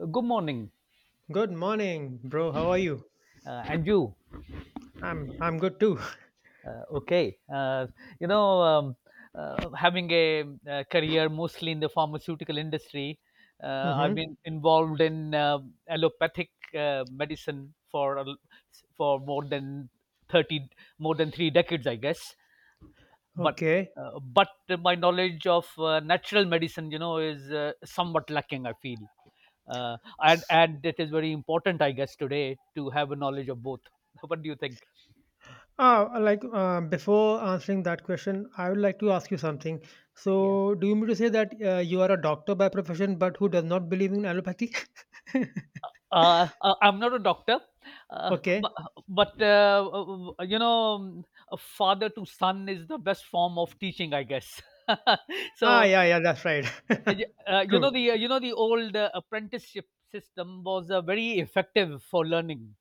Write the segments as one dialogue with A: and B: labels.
A: Good morning.
B: Good morning, bro. How are you?
A: And you.
B: I'm good too.
A: Okay. You know, um, Having a career mostly in the pharmaceutical industry.
B: Hmm.
A: I've been involved in allopathic medicine for more than thirty, 3 decades, I guess. But
B: Okay.
A: but my knowledge of natural medicine, is somewhat lacking, I feel. And it is very important, I guess, today to have a knowledge of both. What do you think?
B: Ah, like before answering that question, I would like to ask you something. So, do you mean to say that you are a doctor by profession, but who does not believe in allopathy?
A: I'm not a doctor, uh,
B: Okay.
A: but, but you know, a father to son is the best form of teaching, I guess.
B: Ah,
A: so
B: yeah, yeah, that's right.
A: uh, y- uh,
B: True.
A: you know the old apprenticeship system was very effective for learning.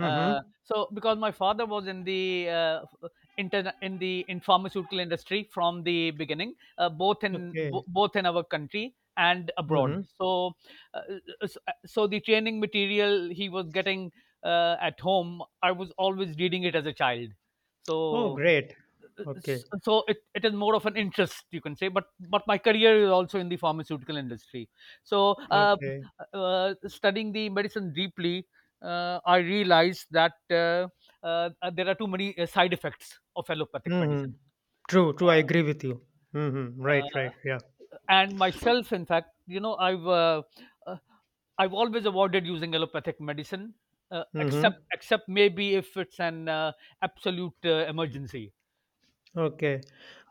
A: Uh, so because my father was in the in pharmaceutical industry from the beginning, both in
B: Okay.
A: both in our country and abroad.
B: Mm-hmm.
A: Uh, s- so the training material he was getting at home, I was always reading it as a child.
B: Oh,
A: So
B: great. Okay.
A: so it is more of an interest, you can say, but my career is also in the pharmaceutical industry. so uh,
B: Okay.
A: uh, studying the medicine deeply, I realized that, uh, there are too many side effects of allopathic
B: Mm-hmm.
A: medicine.
B: True. True. I agree with you. Mm-hmm.
A: uh, uh,
B: Right. Right. Yeah.
A: and myself, in fact, uh, I've always avoided using allopathic medicine,
B: Mm-hmm.
A: except maybe if it's an absolute emergency.
B: Okay.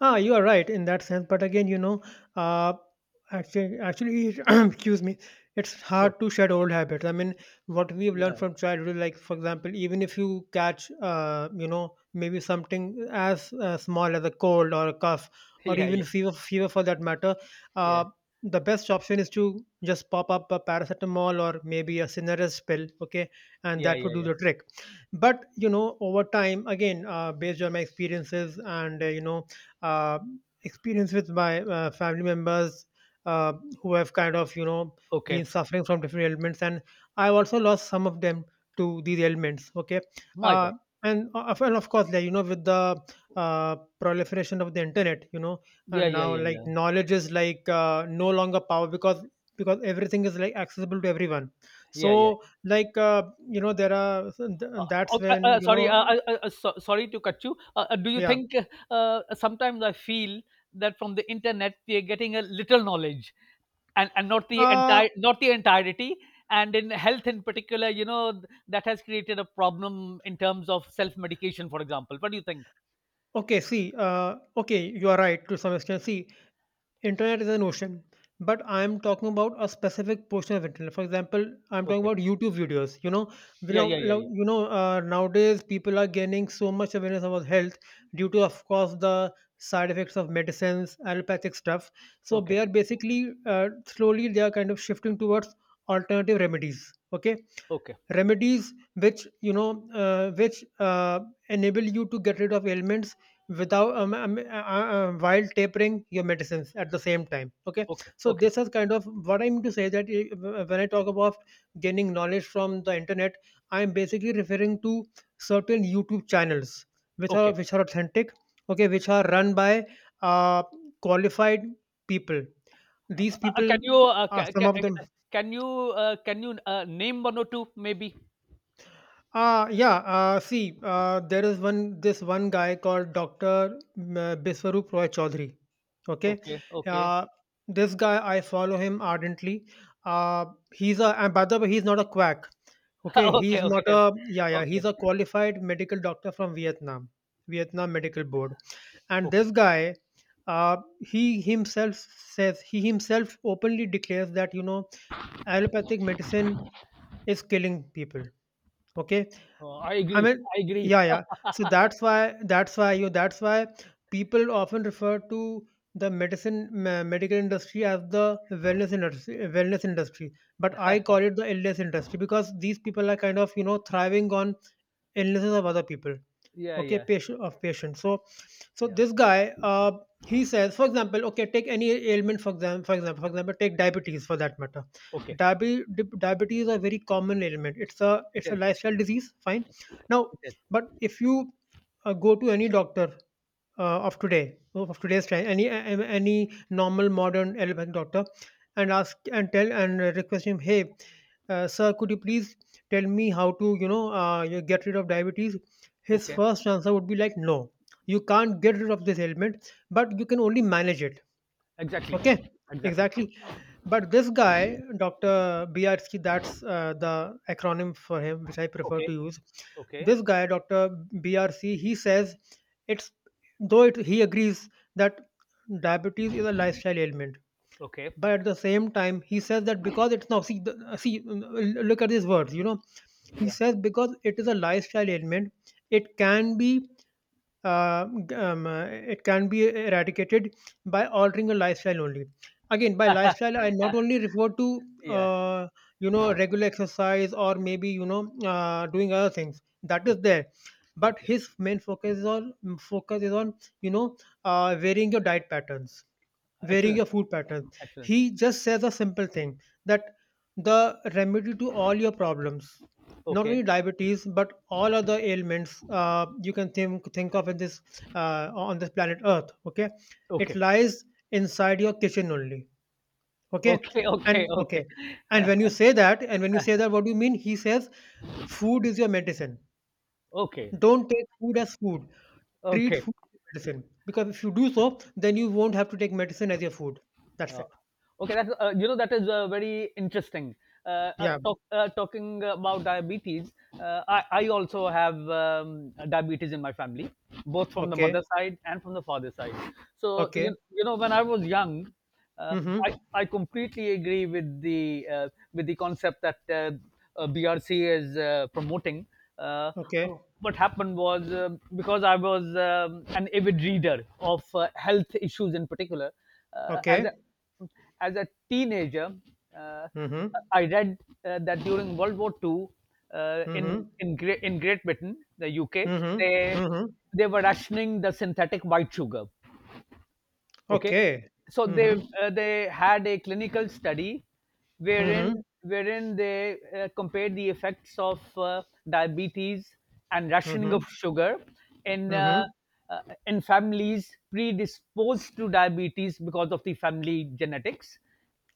B: Ah, you are right in that sense. But again, uh, actually, excuse me, it's
A: Sure.
B: hard to shed old habits. I mean, what we've learned
A: Yeah.
B: from childhood, like for example, even if you catch, maybe something as small as a cold or a cough, or
A: Yeah,
B: even
A: yeah,
B: fever for that matter,
A: yeah,
B: uh, the best option is to just pop up a paracetamol or maybe a Cinerus pill. Okay, and
A: yeah,
B: that would
A: yeah,
B: do
A: yeah.
B: the trick. But over time, again, based on my experiences and, uh, experience with my family members, uh, who have kind of been
A: Okay.
B: suffering from different ailments. And I've also lost some of them to these ailments. Okay.
A: My God.
B: uh, and, and of course, like with the proliferation of the internet.
A: Yeah,
B: And
A: yeah,
B: now,
A: yeah,
B: like,
A: yeah.
B: knowledge is like no longer power, because everything is like accessible to everyone.
A: Yeah, yeah.
B: So, like, there are
A: Uh,
B: that's
A: okay.
B: when,
A: Sorry. So, sorry to cut you. Do you
B: yeah.
A: think, sometimes I feel, that from the internet we are getting a little knowledge, and not the
B: Uh,
A: entirety, and in health in particular, that has created a problem in terms of self-medication, for example. What do you think?
B: okay, see, okay, you are right to some extent. See, internet is an ocean, but I'm talking about a specific portion of internet. For example, I'm talking
A: Okay.
B: about YouTube videos. You
A: Yeah, yeah,
B: know, you
A: yeah, yeah.
B: Nowadays people are gaining so much awareness about health due to, of course, the side effects of medicines, allopathic stuff. So
A: Okay.
B: they are basically, slowly, they are kind of shifting towards alternative remedies. Okay.
A: Okay.
B: Remedies which which enable you to get rid of ailments without while tapering your medicines at the same time. Okay.
A: Okay.
B: So
A: Okay.
B: this is kind of what I'm to say, that when I talk about gaining knowledge from the internet, I'm basically referring to certain YouTube channels which are
A: Okay.
B: which are authentic. Okay. Which are run by uh, qualified people.
A: Uh,
B: These
A: uh,
B: people
A: can you uh,
B: are
A: ca-
B: some
A: ca-
B: of them.
A: uh, can you can you name one or two, maybe?
B: Ah, yeah, see, there is one, this one guy called Dr. Biswarup Roy Chaudhary. Okay.
A: Okay, okay.
B: uh, this guy, I follow him ardently. Uh, he's a and by the way, he's not a quack. Okay. he's
A: Okay,
B: not
A: okay,
B: a yeah yeah.
A: okay,
B: He's a qualified medical doctor from Vietnam, Vietnam Medical Board. And
A: okay.
B: this guy, he himself says he himself openly declares that allopathic medicine is killing people. Okay,
A: I
B: I
A: agree,
B: mean,
A: I agree.
B: yeah, yeah. So that's why people often refer to the medical industry as the wellness industry, wellness industry. But I call it the illness industry because these people are kind of, thriving on illnesses of other people.
A: Yeah,
B: Okay.
A: yeah,
B: Patient of patient. So, so
A: yeah.
B: this guy, he says, for example, okay, take any ailment. For example, take diabetes for that matter.
A: Okay,
B: Diabetes is a very common ailment. it's a
A: it
B: it's a
A: is,
B: lifestyle disease, fine. Now,
A: it is.
B: but if you go to any doctor, of today's time, any any normal modern allopathic doctor, and ask and tell and request him, hey, sir, could you please tell me how to you get rid of diabetes? His
A: Okay,
B: first answer would be like, no, you can't get rid of this ailment, but you can only manage it.
A: exactly,
B: Okay,
A: exactly.
B: exactly. But this guy, Dr. Biarski, that's the acronym for him, which I prefer
A: Okay,
B: to use.
A: okay,
B: This guy, Dr. BRC, he says it's he agrees that diabetes is a lifestyle ailment,
A: okay.
B: but at the same time, he says that because it's now, see the, see look at these words, he
A: Yeah,
B: says because it is a lifestyle ailment, it can be uh, it can be eradicated by altering your lifestyle only. Again, by lifestyle, I not only refer to
A: yeah.
B: uh, regular exercise, or maybe doing other things that is
A: Okay,
B: there, but
A: okay.
B: his main focus is on you know varying your diet patterns, varying
A: Excellent,
B: your food pattern.
A: excellent.
B: He just says a simple thing, that the remedy to all your problems, not
A: Okay,
B: only diabetes but all other ailments, you can think of in this, on this planet Earth. Okay, it
A: okay,
B: lies inside your kitchen only. Okay.
A: okay,
B: and
A: okay,
B: okay,
A: okay.
B: and when you say that, what do you mean? He says, food is your medicine.
A: Okay,
B: Don't take food as food. Treat
A: okay.
B: food as medicine, because if you do so, then you won't have to take medicine as your food. That's
A: Uh,
B: it.
A: okay, that is very interesting.
B: Yeah.
A: Talking about diabetes, I also have diabetes in my family, both from the mother
B: Okay,
A: side and from the father side. So,
B: okay.
A: when I was young, uh, I,
B: Mhm.
A: I completely agree with the concept that BRC is promoting. Uh,
B: Okay,
A: what happened was, because I was an avid reader of health issues in particular. Uh, as a,
B: okay.
A: as a teenager, uh,
B: Mhm.
A: I read, that during World War II, in
B: Mhm.
A: Great Britain, the UK,
B: Mhm.
A: they
B: Mhm.
A: they were rationing the synthetic white sugar. Okay,
B: Okay.
A: so they
B: Mhm.
A: uh, they had a clinical study,
B: Mhm.
A: wherein they compared the effects of diabetes and rationing of
B: Mhm.
A: sugar in uh,
B: Mhm.
A: uh, in families predisposed to diabetes, because of the family genetics,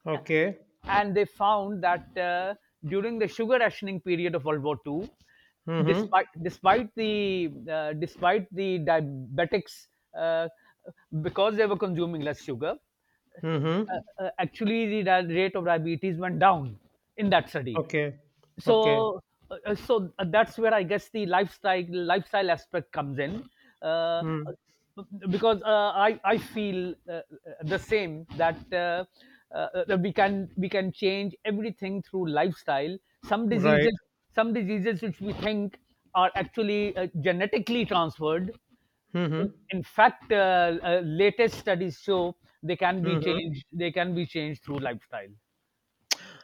B: Okay.
A: and they found that, during the sugar rationing period of World War II,
B: Mhm.
A: despite the diabetics, uh, because they were consuming less sugar,
B: Mhm.
A: actually the rate of diabetes went down in that study.
B: Okay. Okay.
A: So uh, uh, so uh, that's where, I guess, the lifestyle aspect comes in, uh,
B: Mm.
A: because, I feel, the same, that that we can change everything through lifestyle. Some
B: Right.
A: diseases, which we think are actually genetically transferred, in,
B: Mhm.
A: in fact, latest studies show
B: Mhm.
A: they can be changed through lifestyle.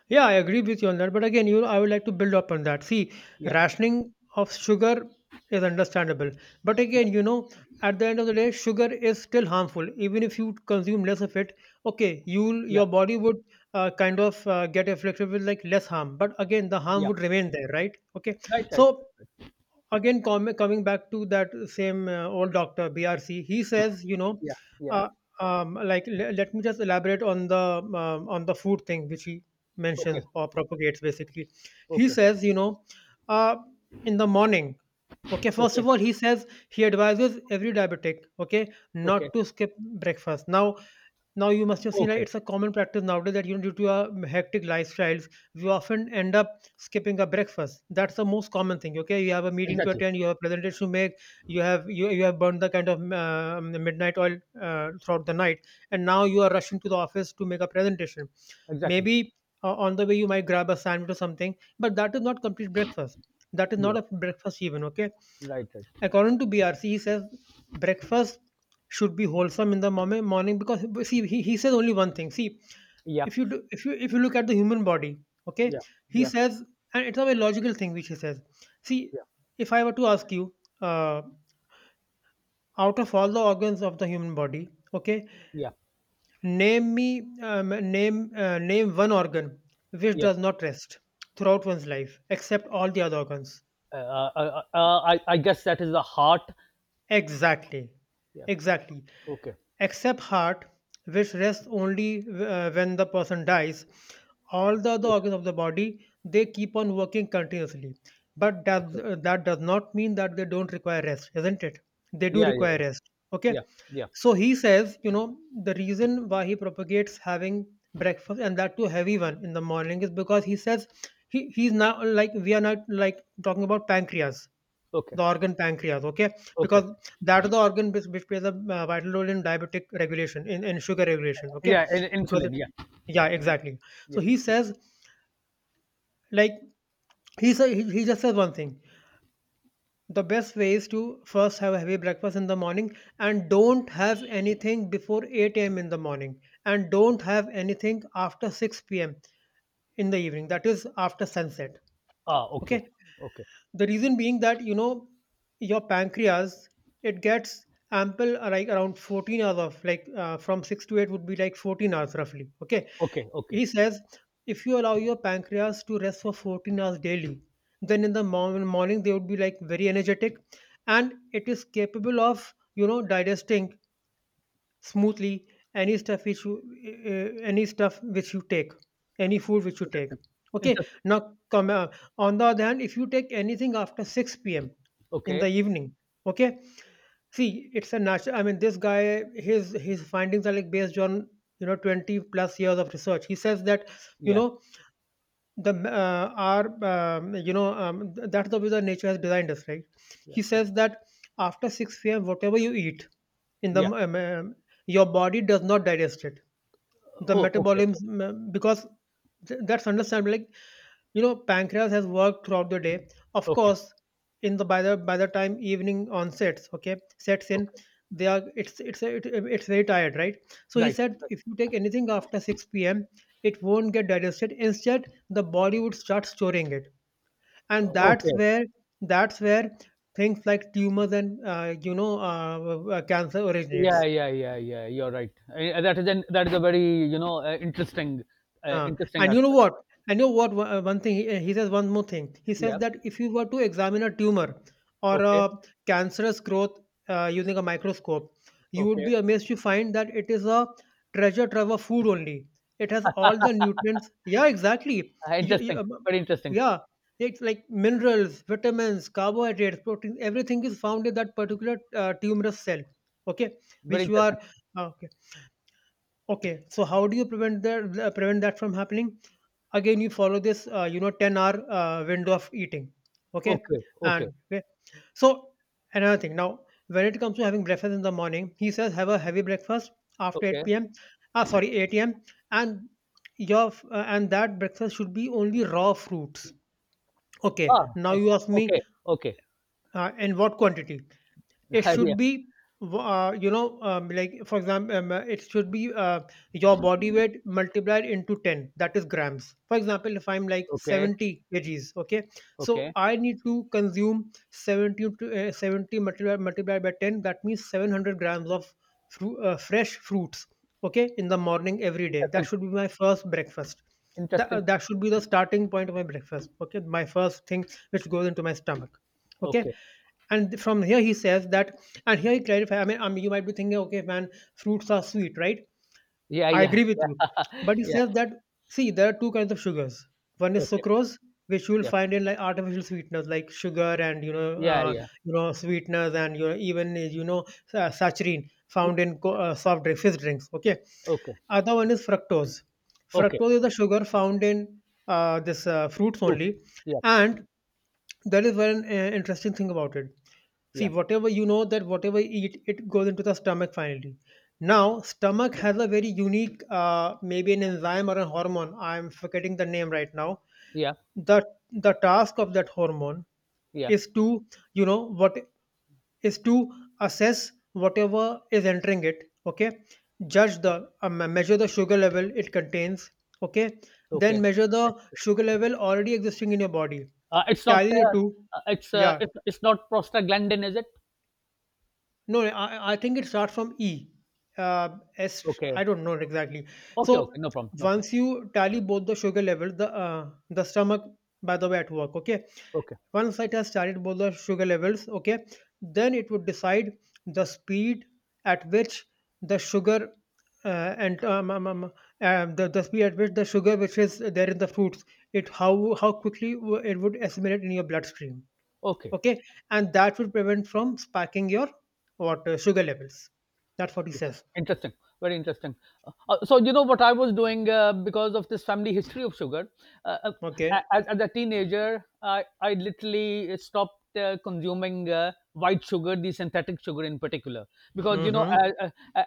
B: Yeah, I agree with you on that. But again, I would like to build up on that. See,
A: Yeah,
B: rationing of sugar is understandable. But
A: yeah,
B: again, at the end of the day, sugar is still harmful. Even if you consume less of it, okay, you'll
A: yeah,
B: your body would kind of get afflicted with like less harm. But again, the harm
A: yeah.
B: would remain there, right? Okay,
A: Right, right,
B: so
A: right.
B: again, coming back to that same old doctor BRC, he says
A: Yeah, yeah.
B: uh, like, let me just elaborate on the food thing which he
A: Okay,
B: mentions or propagates, basically. He
A: okay,
B: says, uh, in the morning, okay, first
A: okay,
B: of all, he advises every diabetic, okay,
A: okay,
B: not to skip breakfast. Now, now you must have seen, like,
A: okay.
B: it's a common practice nowadays that, due to our hectic lifestyles, we often end up skipping a breakfast. That's the most common thing. Okay, you have a meeting to
A: Exactly,
B: attend, you have a presentation to make, you have burned the kind of the midnight oil throughout the night, and now you are rushing to the office to make a presentation.
A: exactly.
B: Maybe on the way you might grab a sandwich or something, but that is not complete breakfast. That is not
A: Yeah,
B: a breakfast even. Okay.
A: right, right.
B: According to BRC, he says breakfast should be wholesome in the morning, because see, he says only one thing. See, if
A: Yep,
B: you do, if you look at the human body, okay,
A: yeah,
B: he
A: yeah,
B: says, and it's a very logical thing which he says. See,
A: yeah,
B: if I were to ask you, uh, out of all the organs of the human body, okay,
A: yeah,
B: name me name name one organ which
A: yeah.
B: does not rest throughout one's life, except all the other organs.
A: I guess that is the heart.
B: Exactly.
A: Yeah.
B: Exactly.
A: Okay.
B: Except heart, which rests only when the person dies. All the other
A: Okay.
B: organs of the body, they keep on working continuously, but
A: Okay.
B: that does not mean that they don't require rest, isn't it? They do
A: Yeah. Yeah.
B: require
A: Yeah.
B: rest.
A: Yeah.
B: Okay.
A: Yeah.
B: So he says, the reason why he propagates having breakfast and that too heavy one in the morning, is because he says, he he's now like we are not like talking about pancreas,
A: Okay.
B: the organ pancreas, okay?
A: Okay.
B: Because that is the organ which plays a vital role in diabetic regulation, in sugar regulation, okay?
A: Yeah. And
B: Because, it,
A: insulin. Yeah.
B: yeah, exactly. So
A: Yeah.
B: he says, like, he just says one thing. The best way is to first have a heavy breakfast in the morning and don't have anything before 8 a.m. in the morning, and don't have anything after 6 p.m. in the evening, that is after sunset,
A: Ah. Okay.
B: okay?
A: Okay.
B: The reason being that, you know, your pancreas, it gets ample like around 14 hours of, like, from 6 to 8 would be like 14 hours roughly, okay.
A: Okay. Okay.
B: He says if you allow your pancreas to rest for 14 hours daily, then in the morning they would be like very energetic, and it is capable of, you know, digesting smoothly any stuff which you— any stuff which you take, any food which you take.
A: Interesting.
B: Okay,
A: Interesting.
B: now come, on the other hand, if you take anything after 6 p.m in the
A: Okay.
B: evening, okay. See, it's a natural, I mean, this guy, his findings are like based on, you know, 20 plus years of research. He says that, you
A: Yeah.
B: know that's the way the nature has designed us, right.
A: Yeah.
B: He says that after 6 p.m whatever you eat in the
A: Yeah.
B: your body does not digest it. The
A: Oh. Okay. Okay.
B: metabolism, because that's understandable, like, you know, pancreas has worked throughout the day, of
A: Okay.
B: course. In the By the time evening onsets, okay, sets in.
A: Okay.
B: They are it's it's it, it's very tired, right. So he
A: Right.
B: said,
A: Right.
B: if you take anything after 6 p.m, it won't get digested. Instead, the body would start storing it. And that's
A: Okay.
B: where that's where things like tumors and you know, cancer
A: Yeah,
B: originates.
A: yeah, yeah, yeah. You're right. That is a very, interesting,
B: Uh,
A: interesting
B: and you know
A: aspect.
B: what? One thing, he says one more thing. He says
A: Yeah.
B: that if you were to examine a tumor or
A: Okay.
B: a cancerous growth, using a microscope, you would
A: Okay.
B: be amazed to find that it is a treasure trove of food only. It has all the nutrients. Yeah, exactly. You, you,
A: Interesting.
B: um,
A: Very interesting.
B: yeah, it's like minerals, vitamins, carbohydrates, proteins. Everything is found in that particular tumorous cell. Okay,
A: Very
B: which you
A: interesting.
B: are, okay. Okay, so how do you prevent that from happening? Again, you follow this, you know, 10 hour window of eating, okay,
A: Okay.
B: and
A: Okay.
B: okay. So, another thing now, when it comes to having breakfast in the morning, he says have a heavy breakfast after
A: Okay.
B: 8 p.m, sorry, 8 a.m, and and that breakfast should be only raw fruits. Okay,
A: Ah.
B: now
A: Eh.
B: you ask me,
A: Okay. Okay.
B: in what quantity it
A: Yeah.
B: should be, you know, like for example, it should be, your body weight multiplied into 10, that is grams. For example, if I'm like
A: Okay.
B: 70 kgs, okay, so
A: Okay.
B: I need to consume 70, 70 multiplied by 10, that means 700 grams of fresh fruits, okay, in the morning every day. That
A: Interesting.
B: should be my first breakfast. That, uh,
A: Interesting.
B: that should be the starting point of my breakfast, okay, my first thing which goes into my stomach, okay.
A: Okay.
B: And from here he says that, and here he clarifies, I mean, you might be thinking, okay, man, fruits are sweet, right?
A: Yeah.
B: I
A: Yeah.
B: agree with you,
A: Yeah.
B: but he
A: Yeah.
B: says that, see, there are two kinds of sugars. One is
A: Okay.
B: sucrose, which you will
A: Yeah.
B: find in, like, artificial sweeteners like sugar and, you know,
A: Yeah. Yeah.
B: you know, sweeteners, and you know, even, you know, saccharine found in soft drink, fizz drinks, okay.
A: Okay.
B: Other one is fructose.
A: Okay.
B: Fructose is the sugar found in, this, fruits
A: True.
B: only.
A: Yeah.
B: And that is one interesting thing about it. See,
A: Yeah.
B: whatever you eat, it goes into the stomach finally. Now, stomach
A: Yeah.
B: has a very unique, maybe an enzyme or a hormone, I'm forgetting the name right now.
A: Yeah.
B: The the task of that hormone
A: Yeah.
B: is to, you know what, is to assess whatever is entering it, okay, judge the, measure the sugar level it contains, okay. Then
A: Okay.
B: measure the sugar level already existing in your body,
A: Uh, it's not,
B: tally the
A: uh,
B: two. Yeah,
A: it's not prostaglandin, is it?
B: no, I think it starts from E. S,
A: Okay.
B: I don't know exactly.
A: Okay, okay.
B: So
A: No problem, no problem.
B: once you tally both the sugar levels, the stomach, by the way, at work, okay.
A: Okay.
B: Once it has tallied both the sugar levels, okay, then it would decide the speed at which the sugar and the speed at which the sugar which is there in the fruits, it, how quickly it would assimilate in your bloodstream,
A: Okay.
B: okay, and that will prevent from spiking your, what sugar levels. That's what he
A: Yeah.
B: says.
A: Interesting, very interesting. So you know what I was doing, because of this family history of sugar. Uh, uh,
B: Okay.
A: as a teenager, I literally stopped consuming white sugar, the synthetic sugar in particular, because,
B: Mm-hmm.
A: as,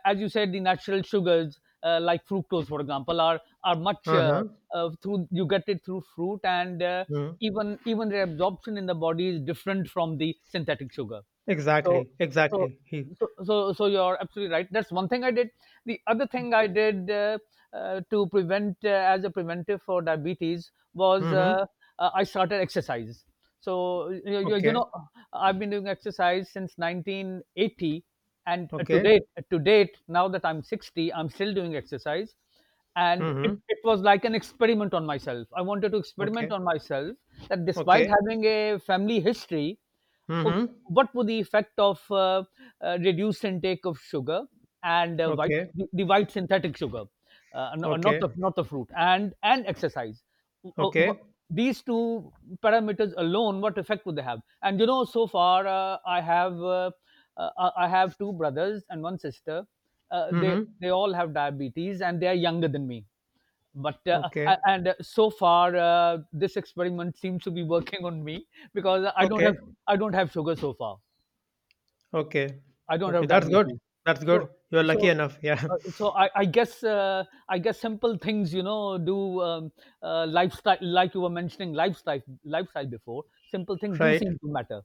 A: as you said, the natural sugars, like fructose, for example, are much,
B: Uh-huh.
A: through you get it through fruit, and
B: Mm.
A: even their absorption in the body is different from the synthetic sugar. So,
B: Exactly,
A: so,
B: exactly. he
A: so, you're absolutely right. That's one thing I did. The other thing I did, to prevent, as a preventive for diabetes, was,
B: Mm-hmm.
A: I started exercise. So, you, you, you
B: Okay.
A: know, I've been doing exercise since 1980, and to
B: Okay.
A: date, to date, now that I'm 60, I'm still doing exercise, and it,
B: Mm-hmm.
A: it was like an experiment on myself. I wanted to
B: Okay.
A: experiment on myself, that despite
B: Okay.
A: having a family history — Oh,
B: Mm-hmm.
A: what would the effect of, reduced intake of sugar and white
B: Okay.
A: the white synthetic sugar,
B: Okay.
A: not the fruit, and exercise. Uh, wha-
B: Okay.
A: these two parameters alone, what effect would they have? And so far, I have, I have two brothers and one sister. They
B: Mm-hmm.
A: they all have diabetes, and they are younger than me, but
B: Okay.
A: a- and so far, this experiment seems to be working on me, because
B: Okay.
A: I don't have sugar so far.
B: Okay.
A: I don't
B: Okay,
A: have
B: that's good.
A: diabetes.
B: That's good,
A: So
B: you're lucky
A: so
B: enough. Yeah.
A: so, I guess, I guess, simple things, do, lifestyle, like you were mentioning — lifestyle before, simple things do
B: Right.
A: seem to matter.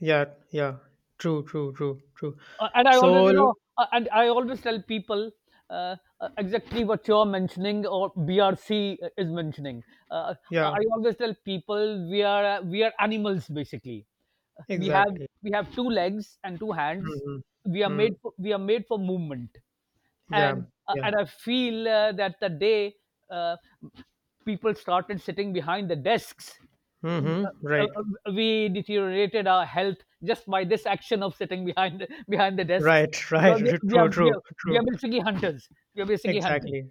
B: Yeah. Yeah. True, true, true, true.
A: Uh, and I always,
B: So,
A: you know, uh, and I always tell people, uh, exactly what you're mentioning or BRC is mentioning. Uh, uh,
B: yeah.
A: I always tell people, we are animals basically. We have
B: Exactly.
A: we have two legs and two hands.
B: Mhm. Mm.
A: We are made for movement,
B: Yeah,
A: and uh,
B: yeah.
A: and I feel, that the day, uh, people started sitting behind the desks, uh,
B: Hmm.
A: uh,
B: Right,
A: uh, we deteriorated our health just by this action of sitting behind the desks,
B: right, right.
A: because
B: True, true,
A: we are
B: true.
A: basically hunters. We are basically hunters.
B: Exactly,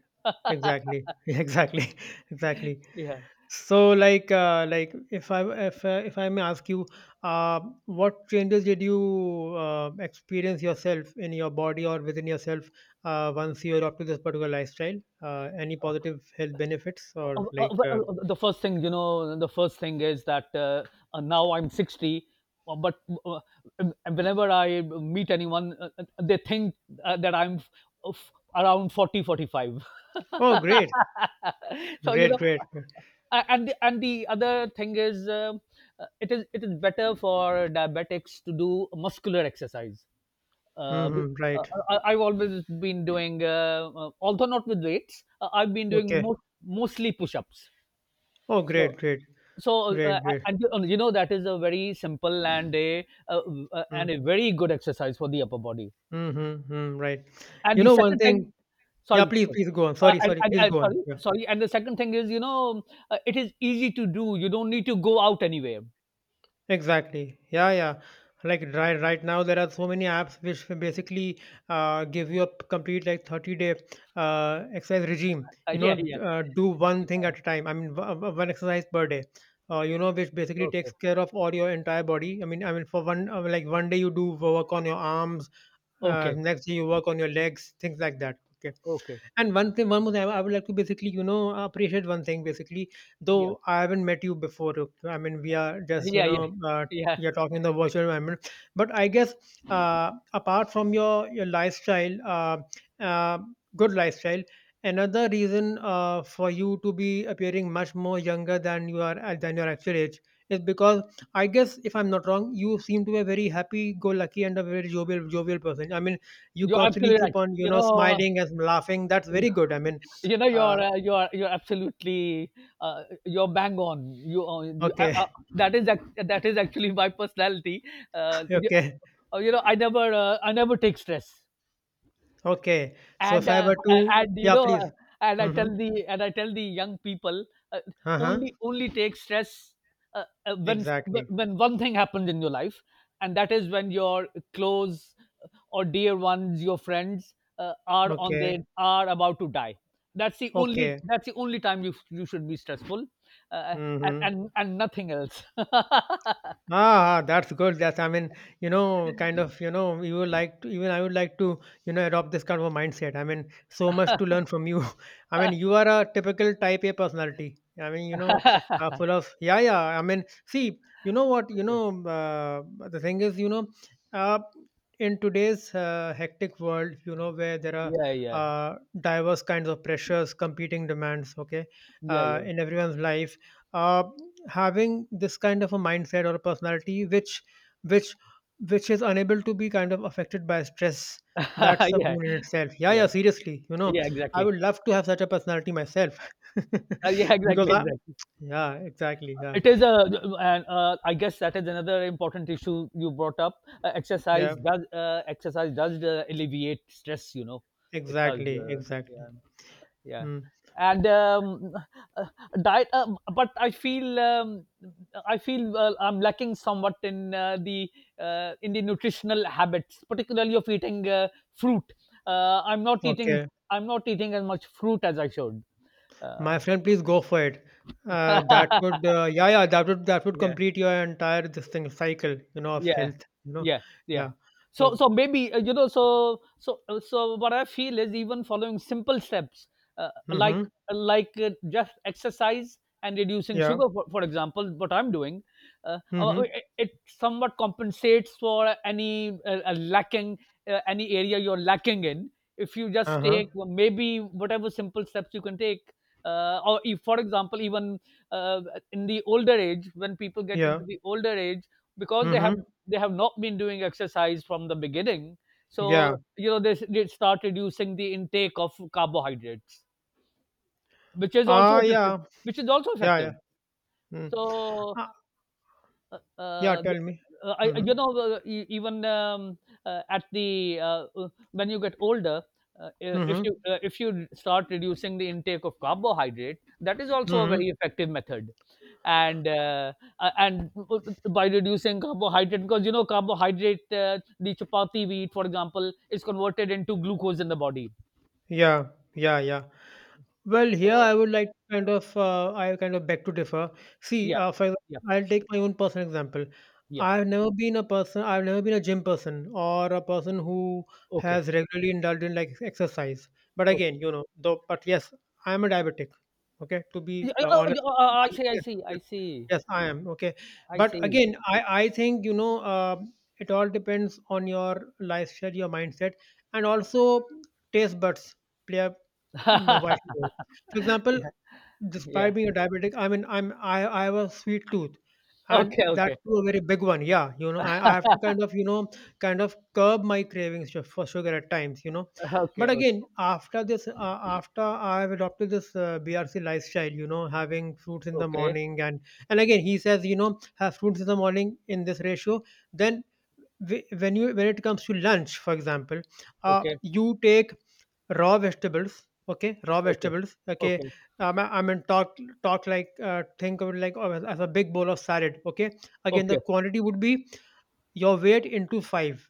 B: exactly, exactly, exactly.
A: Yeah.
B: So, like, if I may ask you, what changes did you experience yourself in your body or within yourself, once you adopted this particular lifestyle? Any positive health benefits or like?
A: Well, the first thing is that, now I'm 60, but uh, um, whenever I meet anyone, they think, that I'm uh, f- around 40, 45.
B: Oh, great,
A: so you
B: great,
A: know
B: great. Great.
A: and the other thing is, it is better for diabetics to do muscular exercise, uh, b-
B: Hmm.
A: uh,
B: Right.
A: I've always been doing, although not with weights, I've been doing
B: Okay.
A: mostly push-ups.
B: Oh,
A: So,
B: great, great.
A: so,
B: Great, great.
A: and you know that is a very simple and a
B: Mm.
A: very good exercise for the upper body.
B: Mhm, mm, right.
A: And
B: You
A: the
B: know one
A: second thing —
B: thing— yeah,
A: sorry —
B: please, please go on. Sorry, sorry, please go on. Yeah.
A: sorry. And the second thing is, it is easy to do. You don't need to go out anywhere.
B: Exactly. Yeah, yeah. Like, right, right now there are so many apps which basically, give you a complete, like, 30 day exercise regime. You know,
A: Yeah, yeah,
B: do one thing
A: yeah.
B: at a time. I mean, one exercise per day. You know, which basically takes
A: Okay,
B: care of all your entire body. I mean, for one like one day you do work on your arms,
A: okay,
B: next day you work on your legs, things like that. Okay.
A: okay.
B: And one thing, one more thing, I would like to basically, you know, appreciate one thing basically.
A: Yeah,
B: Though I haven't met you before, okay, I mean, we are just, you
A: yeah, yeah,
B: know,
A: yeah.
B: you're talking in the virtual environment. But I guess apart from your lifestyle, uh, good lifestyle, another reason for you to be appearing much more younger than you are, than your actual age, is because I guess if I'm not wrong, you seem to be a very happy-go-lucky and a very jovial person. I mean, you
A: You're
B: constantly
A: absolutely right.
B: keep on, you
A: You
B: know,
A: know,
B: smiling and laughing. That's very good, I mean.
A: you
B: uh,
A: you're absolutely, you're bang on. You, you
B: okay.
A: that is ac- That is actually my personality. uh, you,
B: Okay.
A: you know, I never take stress,
B: Okay. So, if
A: and
B: I were to—
A: and you
B: yeah,
A: know
B: please.
A: uh,
B: Mm-hmm.
A: I tell the young people, uh,
B: Uh-huh.
A: only take stress, uh, uh, when
B: Exactly.
A: when one thing happens in your life, and that is when your close, or dear ones, your friends, are on their
B: Okay.
A: are about to die.
B: Okay.
A: That's the only time you should be stressful, uh, and,
B: Mm-hmm.
A: and and nothing else.
B: That's good. That's, I mean, you know, kind of, you know, you would like to, even I would like to, you know, adopt this kind of a mindset. I mean, so much to learn from you. I mean, you are a typical type A personality. I mean, you know, full of, yeah, yeah. I mean, see, you know what, you know, the thing is, you know, uh, in today's hectic world, you know, where there are,
A: Yeah, yeah,
B: diverse kinds of pressures, competing demands, okay,
A: yeah, yeah.
B: in everyone's life. Uh, Having this kind of a mindset or a personality which, which which is unable to be kind of affected by stress. That's a
A: Yeah,
B: boon in itself. Yeah,
A: yeah,
B: yeah, seriously, you know,
A: yeah,
B: I
A: exactly.
B: would love to have such a personality myself.
A: Yeah,
B: Because
A: exactly,
B: I—
A: exactly.
B: yeah, exactly. Yeah,
A: It is a, and I guess that is another important issue you brought up.
B: yeah,
A: Exercise does alleviate stress. You know, it does.
B: exactly, exactly.
A: Yeah, yeah.
B: Hmm.
A: And uh, Diet, but I feel I'm lacking somewhat in the in the nutritional habits, particularly of eating fruit. I'm not eating.
B: Okay,
A: I'm not eating as much fruit as I should.
B: my
A: Uh,
B: friend, please go for it. That would, yeah, yeah, that would
A: yeah.
B: complete your entire, this thing, cycle, you know, of
A: Yeah,
B: health, you know.
A: yeah, yeah.
B: Yeah.
A: So,
B: So.
A: so maybe what I feel is even following simple steps, uh, like
B: Mm-hmm.
A: just exercise and reducing
B: Yeah.
A: sugar, for example, what I'm doing, uh, uh, uh,
B: Mm-hmm.
A: it, it somewhat compensates for any lacking any area you're lacking in. If you just
B: Uh-huh.
A: take well, maybe whatever simple steps you can take. Or if, for example, even uh, in the older age, when people get
B: Yeah.
A: into the older age, because they have
B: Mm-hmm.
A: they have not been doing exercise from the beginning, so
B: Yeah.
A: you know they start reducing the intake of carbohydrates, which is also
B: Ah,
A: effective,
B: yeah.
A: which is also
B: Yeah,
A: effective.
B: yeah. Mm.
A: so
B: Ah,
A: uh,
B: yeah,
A: uh,
B: tell me. Mm-hmm.
A: you know, e- even at the when you get older,
B: Mm-hmm.
A: if you start reducing the intake of carbohydrate, that is also a very
B: Mm-hmm.
A: effective method. And uh, and by reducing carbohydrate, because you know carbohydrate, the chapati we eat, for example, is converted into glucose in the body.
B: Yeah. Yeah, yeah. Well, here
A: So
B: I would like to kind of, I kind of beg to differ. See,
A: yeah,
B: for example,
A: yeah,
B: I'll take my own personal example.
A: yeah.
B: I've never been a person, I've never been a gym person or a person who
A: Okay.
B: has regularly indulged in like exercise. But
A: Oh,
B: again, you know, though, but yes, I'm a diabetic. Okay, to be
A: yeah, oh, oh,
B: honest,
A: oh, I
B: I'm,
A: see. I
B: yes,
A: see. I see.
B: Yes, I am. Okay.
A: I
B: But
A: see.
B: again, I think, you know, it all depends on your lifestyle, your mindset, and also taste buds play a, vital role. For example,
A: Yeah. Yeah.
B: despite being a diabetic, I mean, I have a sweet tooth, and
A: Okay,
B: that
A: okay.
B: too a very big one. Yeah, you know, I have to kind of, you know, kind of curb my cravings for sugar at times. You know, but
A: Okay, o
B: again, after I've adopted this BRC lifestyle, you know, having fruits in the
A: okay,
B: morning, and again, he says, you know, have fruits in the morning in this ratio. Then when it comes to lunch, for example,
A: okay,
B: you take raw vegetables. Okay, raw
A: okay,
B: vegetables. Okay,
A: okay,
B: um, i I mean talk talk like, think of it like, as a big bowl of salad, okay. Again, the
A: okay.
B: quantity would be your weight into 5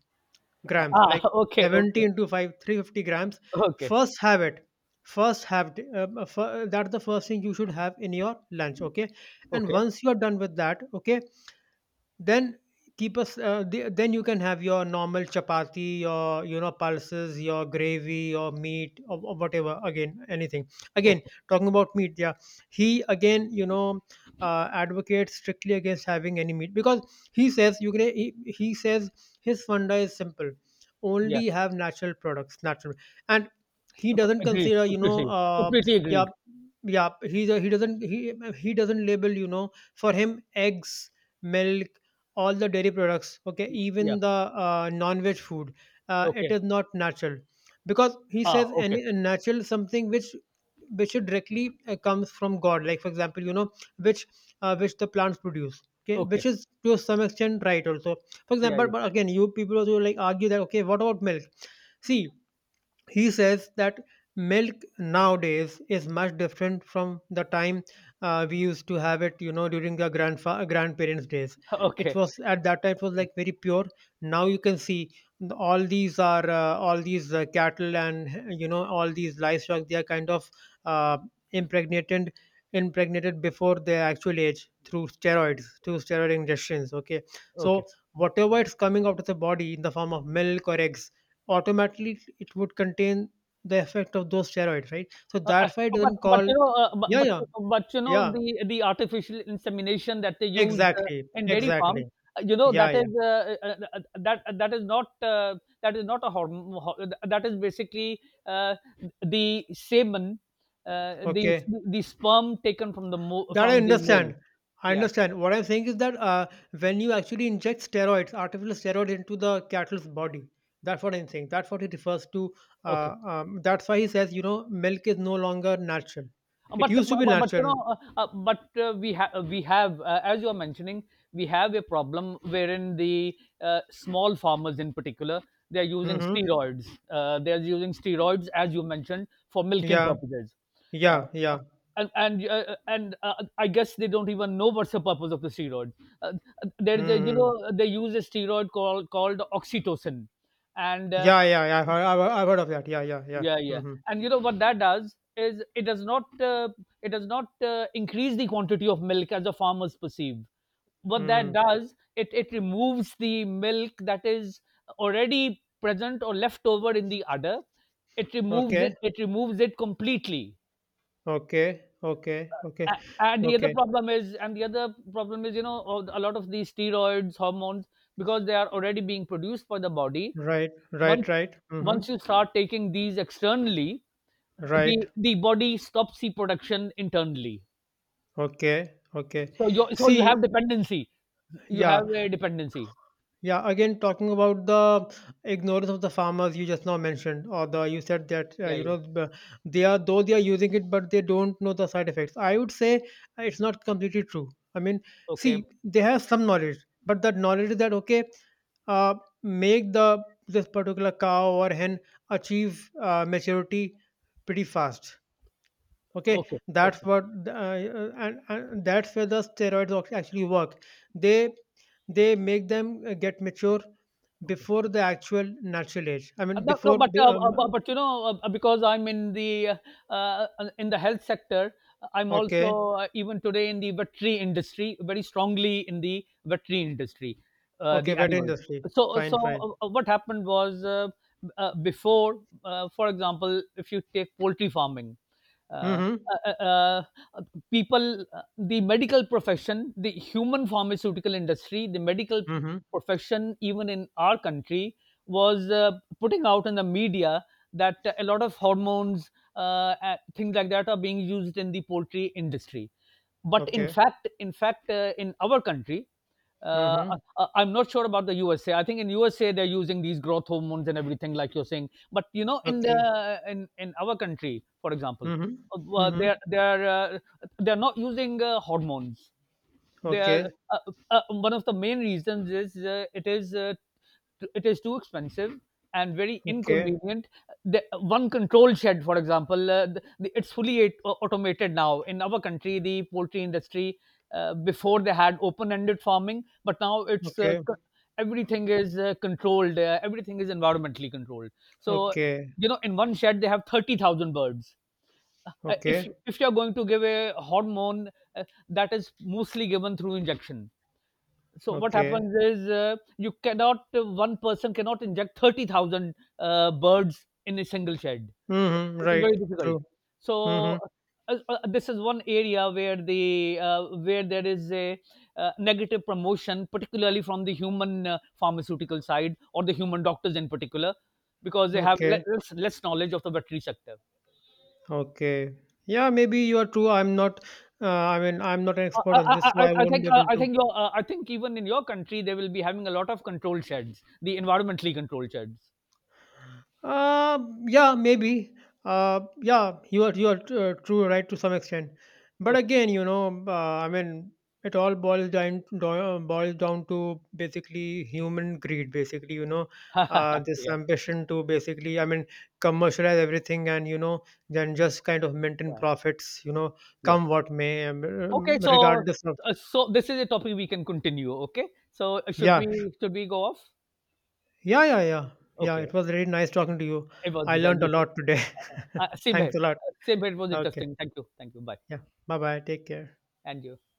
B: grams,
A: Ah,
B: like
A: okay,
B: 70
A: okay,
B: into 5, 350 grams.
A: okay,
B: first have it First have it, that's the first thing you should have in your lunch, okay, and
A: okay,
B: once you are done with that, okay, then then you can have your normal chapati, your, you know, pulses, your gravy, your meat or, whatever. Again, anything. Again,
A: okay.
B: talking about meat, yeah, he again, you know, advocates strictly against having any meat, because he says, his funda is simple,
A: Yeah,
B: only have natural products, natural. And he
A: ac
B: doesn't
A: agreed,
B: consider, you know,
A: completely, completely
B: yeah,
A: agreed.
B: yeah, he doesn't label, you know, for him, eggs, milk, all the dairy products, okay,
A: Yeah,
B: even the, non-veg food, it
A: okay.
B: is not natural. Because he
A: Ah,
B: says
A: okay,
B: any natural something which, directly, comes from god, like for example, you know, which, which the plants produce, okay,
A: okay.
B: which is to some extent right also. For example,
A: Yeah,
B: but
A: yeah.
B: but again, you people also, like, argue that, okay, what about milk? See, he says that milk nowadays is much different from the time, we used to have it, you know, during the grandparents' days. It
A: Okay,
B: was at that time it was like very pure. Now you can see, all these are, all these, cattle, and you know, all these livestock. They are kind of, uh, impregnated impregnated before their actual age through steroids, through steroid injections. Okay,
A: okay.
B: so whatever is coming out of the body in the form of milk or eggs, automatically it would contain the effect of those steroids, right? So
A: I
B: that's why it doesn't
A: but,
B: call.
A: you know,
B: Yeah, yeah,
A: you know,
B: yeah.
A: the artificial insemination that they use,
B: Exactly,
A: in dairy farms,
B: exactly.
A: you know,
B: Yeah,
A: that
B: yeah.
A: is, that that is not a hormone ho that is basically, uh, the semen, uh, the
B: Okay,
A: the sperm taken from the mo
B: that I
A: from the male.
B: understand. I
A: Yeah.
B: understand. What I'm saying is that, when you actually inject steroids, artificial steroids into the cattle's body, that's what I'm saying. That's what he refers to.
A: Okay.
B: That's why he says, you know, milk is no longer natural. It
A: but
B: used to
A: but,
B: be
A: but but, you
B: natural.
A: know but we have, as you are mentioning, we have a problem wherein the small farmers in particular, they are using
B: Hmm.
A: steroids, as you mentioned for milking
B: Yeah,
A: purposes. Uh,
B: yeah,
A: uh,
B: yeah.
A: and I guess they don't even know what's the purpose of the steroid. Uh, there is, a you
B: Hmm.
A: know, they use a steroid called oxytocin, and
B: Yeah, yeah, yeah. I've heard, I've heard of that. Yeah, yeah, yeah.
A: yeah, yeah.
B: Mm-hmm.
A: And you know what that does is, it does not increase the quantity of milk as the farmers perceive. What that
B: Mm.
A: does, it removes the milk that is already present or left over in the udder. It removes
B: Okay,
A: it removes it completely.
B: okay, okay, okay,
A: A- and the other
B: okay.
A: problem is, you know, a lot of these steroids hormones, because they are already being produced by the body,
B: Right,
A: once
B: right, right. Mm-hmm.
A: once you start taking these externally,
B: Right.
A: the body stops the production internally.
B: Okay, okay.
A: So you
B: See,
A: have dependency. You have
B: yeah.
A: a dependency.
B: Yeah, again, talking about the ignorance of the farmers you just now mentioned, or the— you said that,
A: Yeah,
B: you
A: yeah.
B: know, they are, though they are using it, but they don't know the side effects. I would say, it's not completely true. I mean,
A: Okay.
B: see, they have some knowledge, but that knowledge is that, okay, uh, make the this particular cow or hen achieve, maturity pretty fast. Okay,
A: Okay.
B: that's
A: Okay.
B: what, and that's where the steroids actually work. They they make them, get mature
A: Okay.
B: before the actual natural age. I mean,
A: No, no,
B: before
A: but
B: the,
A: you know, because I'm in the health sector, I'm
B: okay,
A: also even today in the veterinary industry, very strongly in the veterinary industry,
B: okay,
A: the
B: wet
A: animals.
B: industry.
A: So,
B: Fine,
A: so
B: fine.
A: uh, uh, what happened was, before, for example, if you take poultry farming, uh, uh,
B: Mm-hmm.
A: uh, uh, uh, people, the medical profession, the human pharmaceutical industry, the medical
B: Mm-hmm.
A: profession, even in our country, was putting out in the media that a lot of hormones, uh, things like that, are being used in the poultry industry. But in
B: Okay.
A: fact, in fact, in our country, uh,
B: Mm-hmm.
A: I'm not sure about the USA. I think in USA they're using these growth hormones and everything, like you're saying. But you know, in
B: Okay.
A: the in our country, for example,
B: Mm-hmm.
A: uh,
B: Mm-hmm.
A: they're they're uh, they're not using hormones. They are,
B: Okay.
A: one of the main reasons is, it is it is too expensive and very
B: Okay.
A: inconvenient. The, one control shed, for example, it's fully automated now. In our country, the poultry industry, before they had open-ended farming, but now it's,
B: Okay.
A: everything is controlled. Everything is environmentally controlled. So,
B: Okay.
A: you know, in one shed they have 30,000 birds. If
B: Okay.
A: if you're going to give a hormone, uh, that is mostly given through injection. So what
B: Okay.
A: happens is, you cannot, one person cannot inject 30,000 birds in a single shed.
B: Mm-hmm.
A: It is very
B: Right.
A: difficult.
B: True. Mm-hmm.
A: So, this is one area where the, where there is a negative promotion, particularly from the human pharmaceutical side, or the human doctors in particular, because they have
B: Okay.
A: less, less knowledge of the veterinary sector.
B: Okay. Yeah, maybe you are true. I mean, I'm not an
A: I,
B: expert on
A: I,
B: this, so
A: I
B: I
A: I-
B: won't
A: think
B: be able
A: I
B: to.
A: think your, I think even in your country they will be having a lot of control sheds, the environmentally controlled sheds.
B: Uh, yeah, maybe. Yeah, you are, true, right, to some extent. But
A: Okay.
B: again, you know, I mean, it all boils down to basically human greed. Basically, you know, this
A: Yeah,
B: ambition to basically, I mean, commercialize everything, and you know, then just kind of maintain
A: yeah,
B: profits. You know,
A: yeah.
B: come what may,
A: Okay, so
B: regardless of—
A: so this is a topic we can continue. Okay, so uh, should
B: yeah.
A: we should we go off?
B: Yeah, yeah, yeah. Yeah,
A: Okay,
B: it was really nice talking to you.
A: it was,
B: I learned a
A: you. Too.
B: lot today.
A: Same here.
B: Thanks a lot.
A: Same here. It was
B: Okay.
A: interesting. Thank you. Thank you. Bye.
B: Yeah. Bye bye. Take care.
A: And you.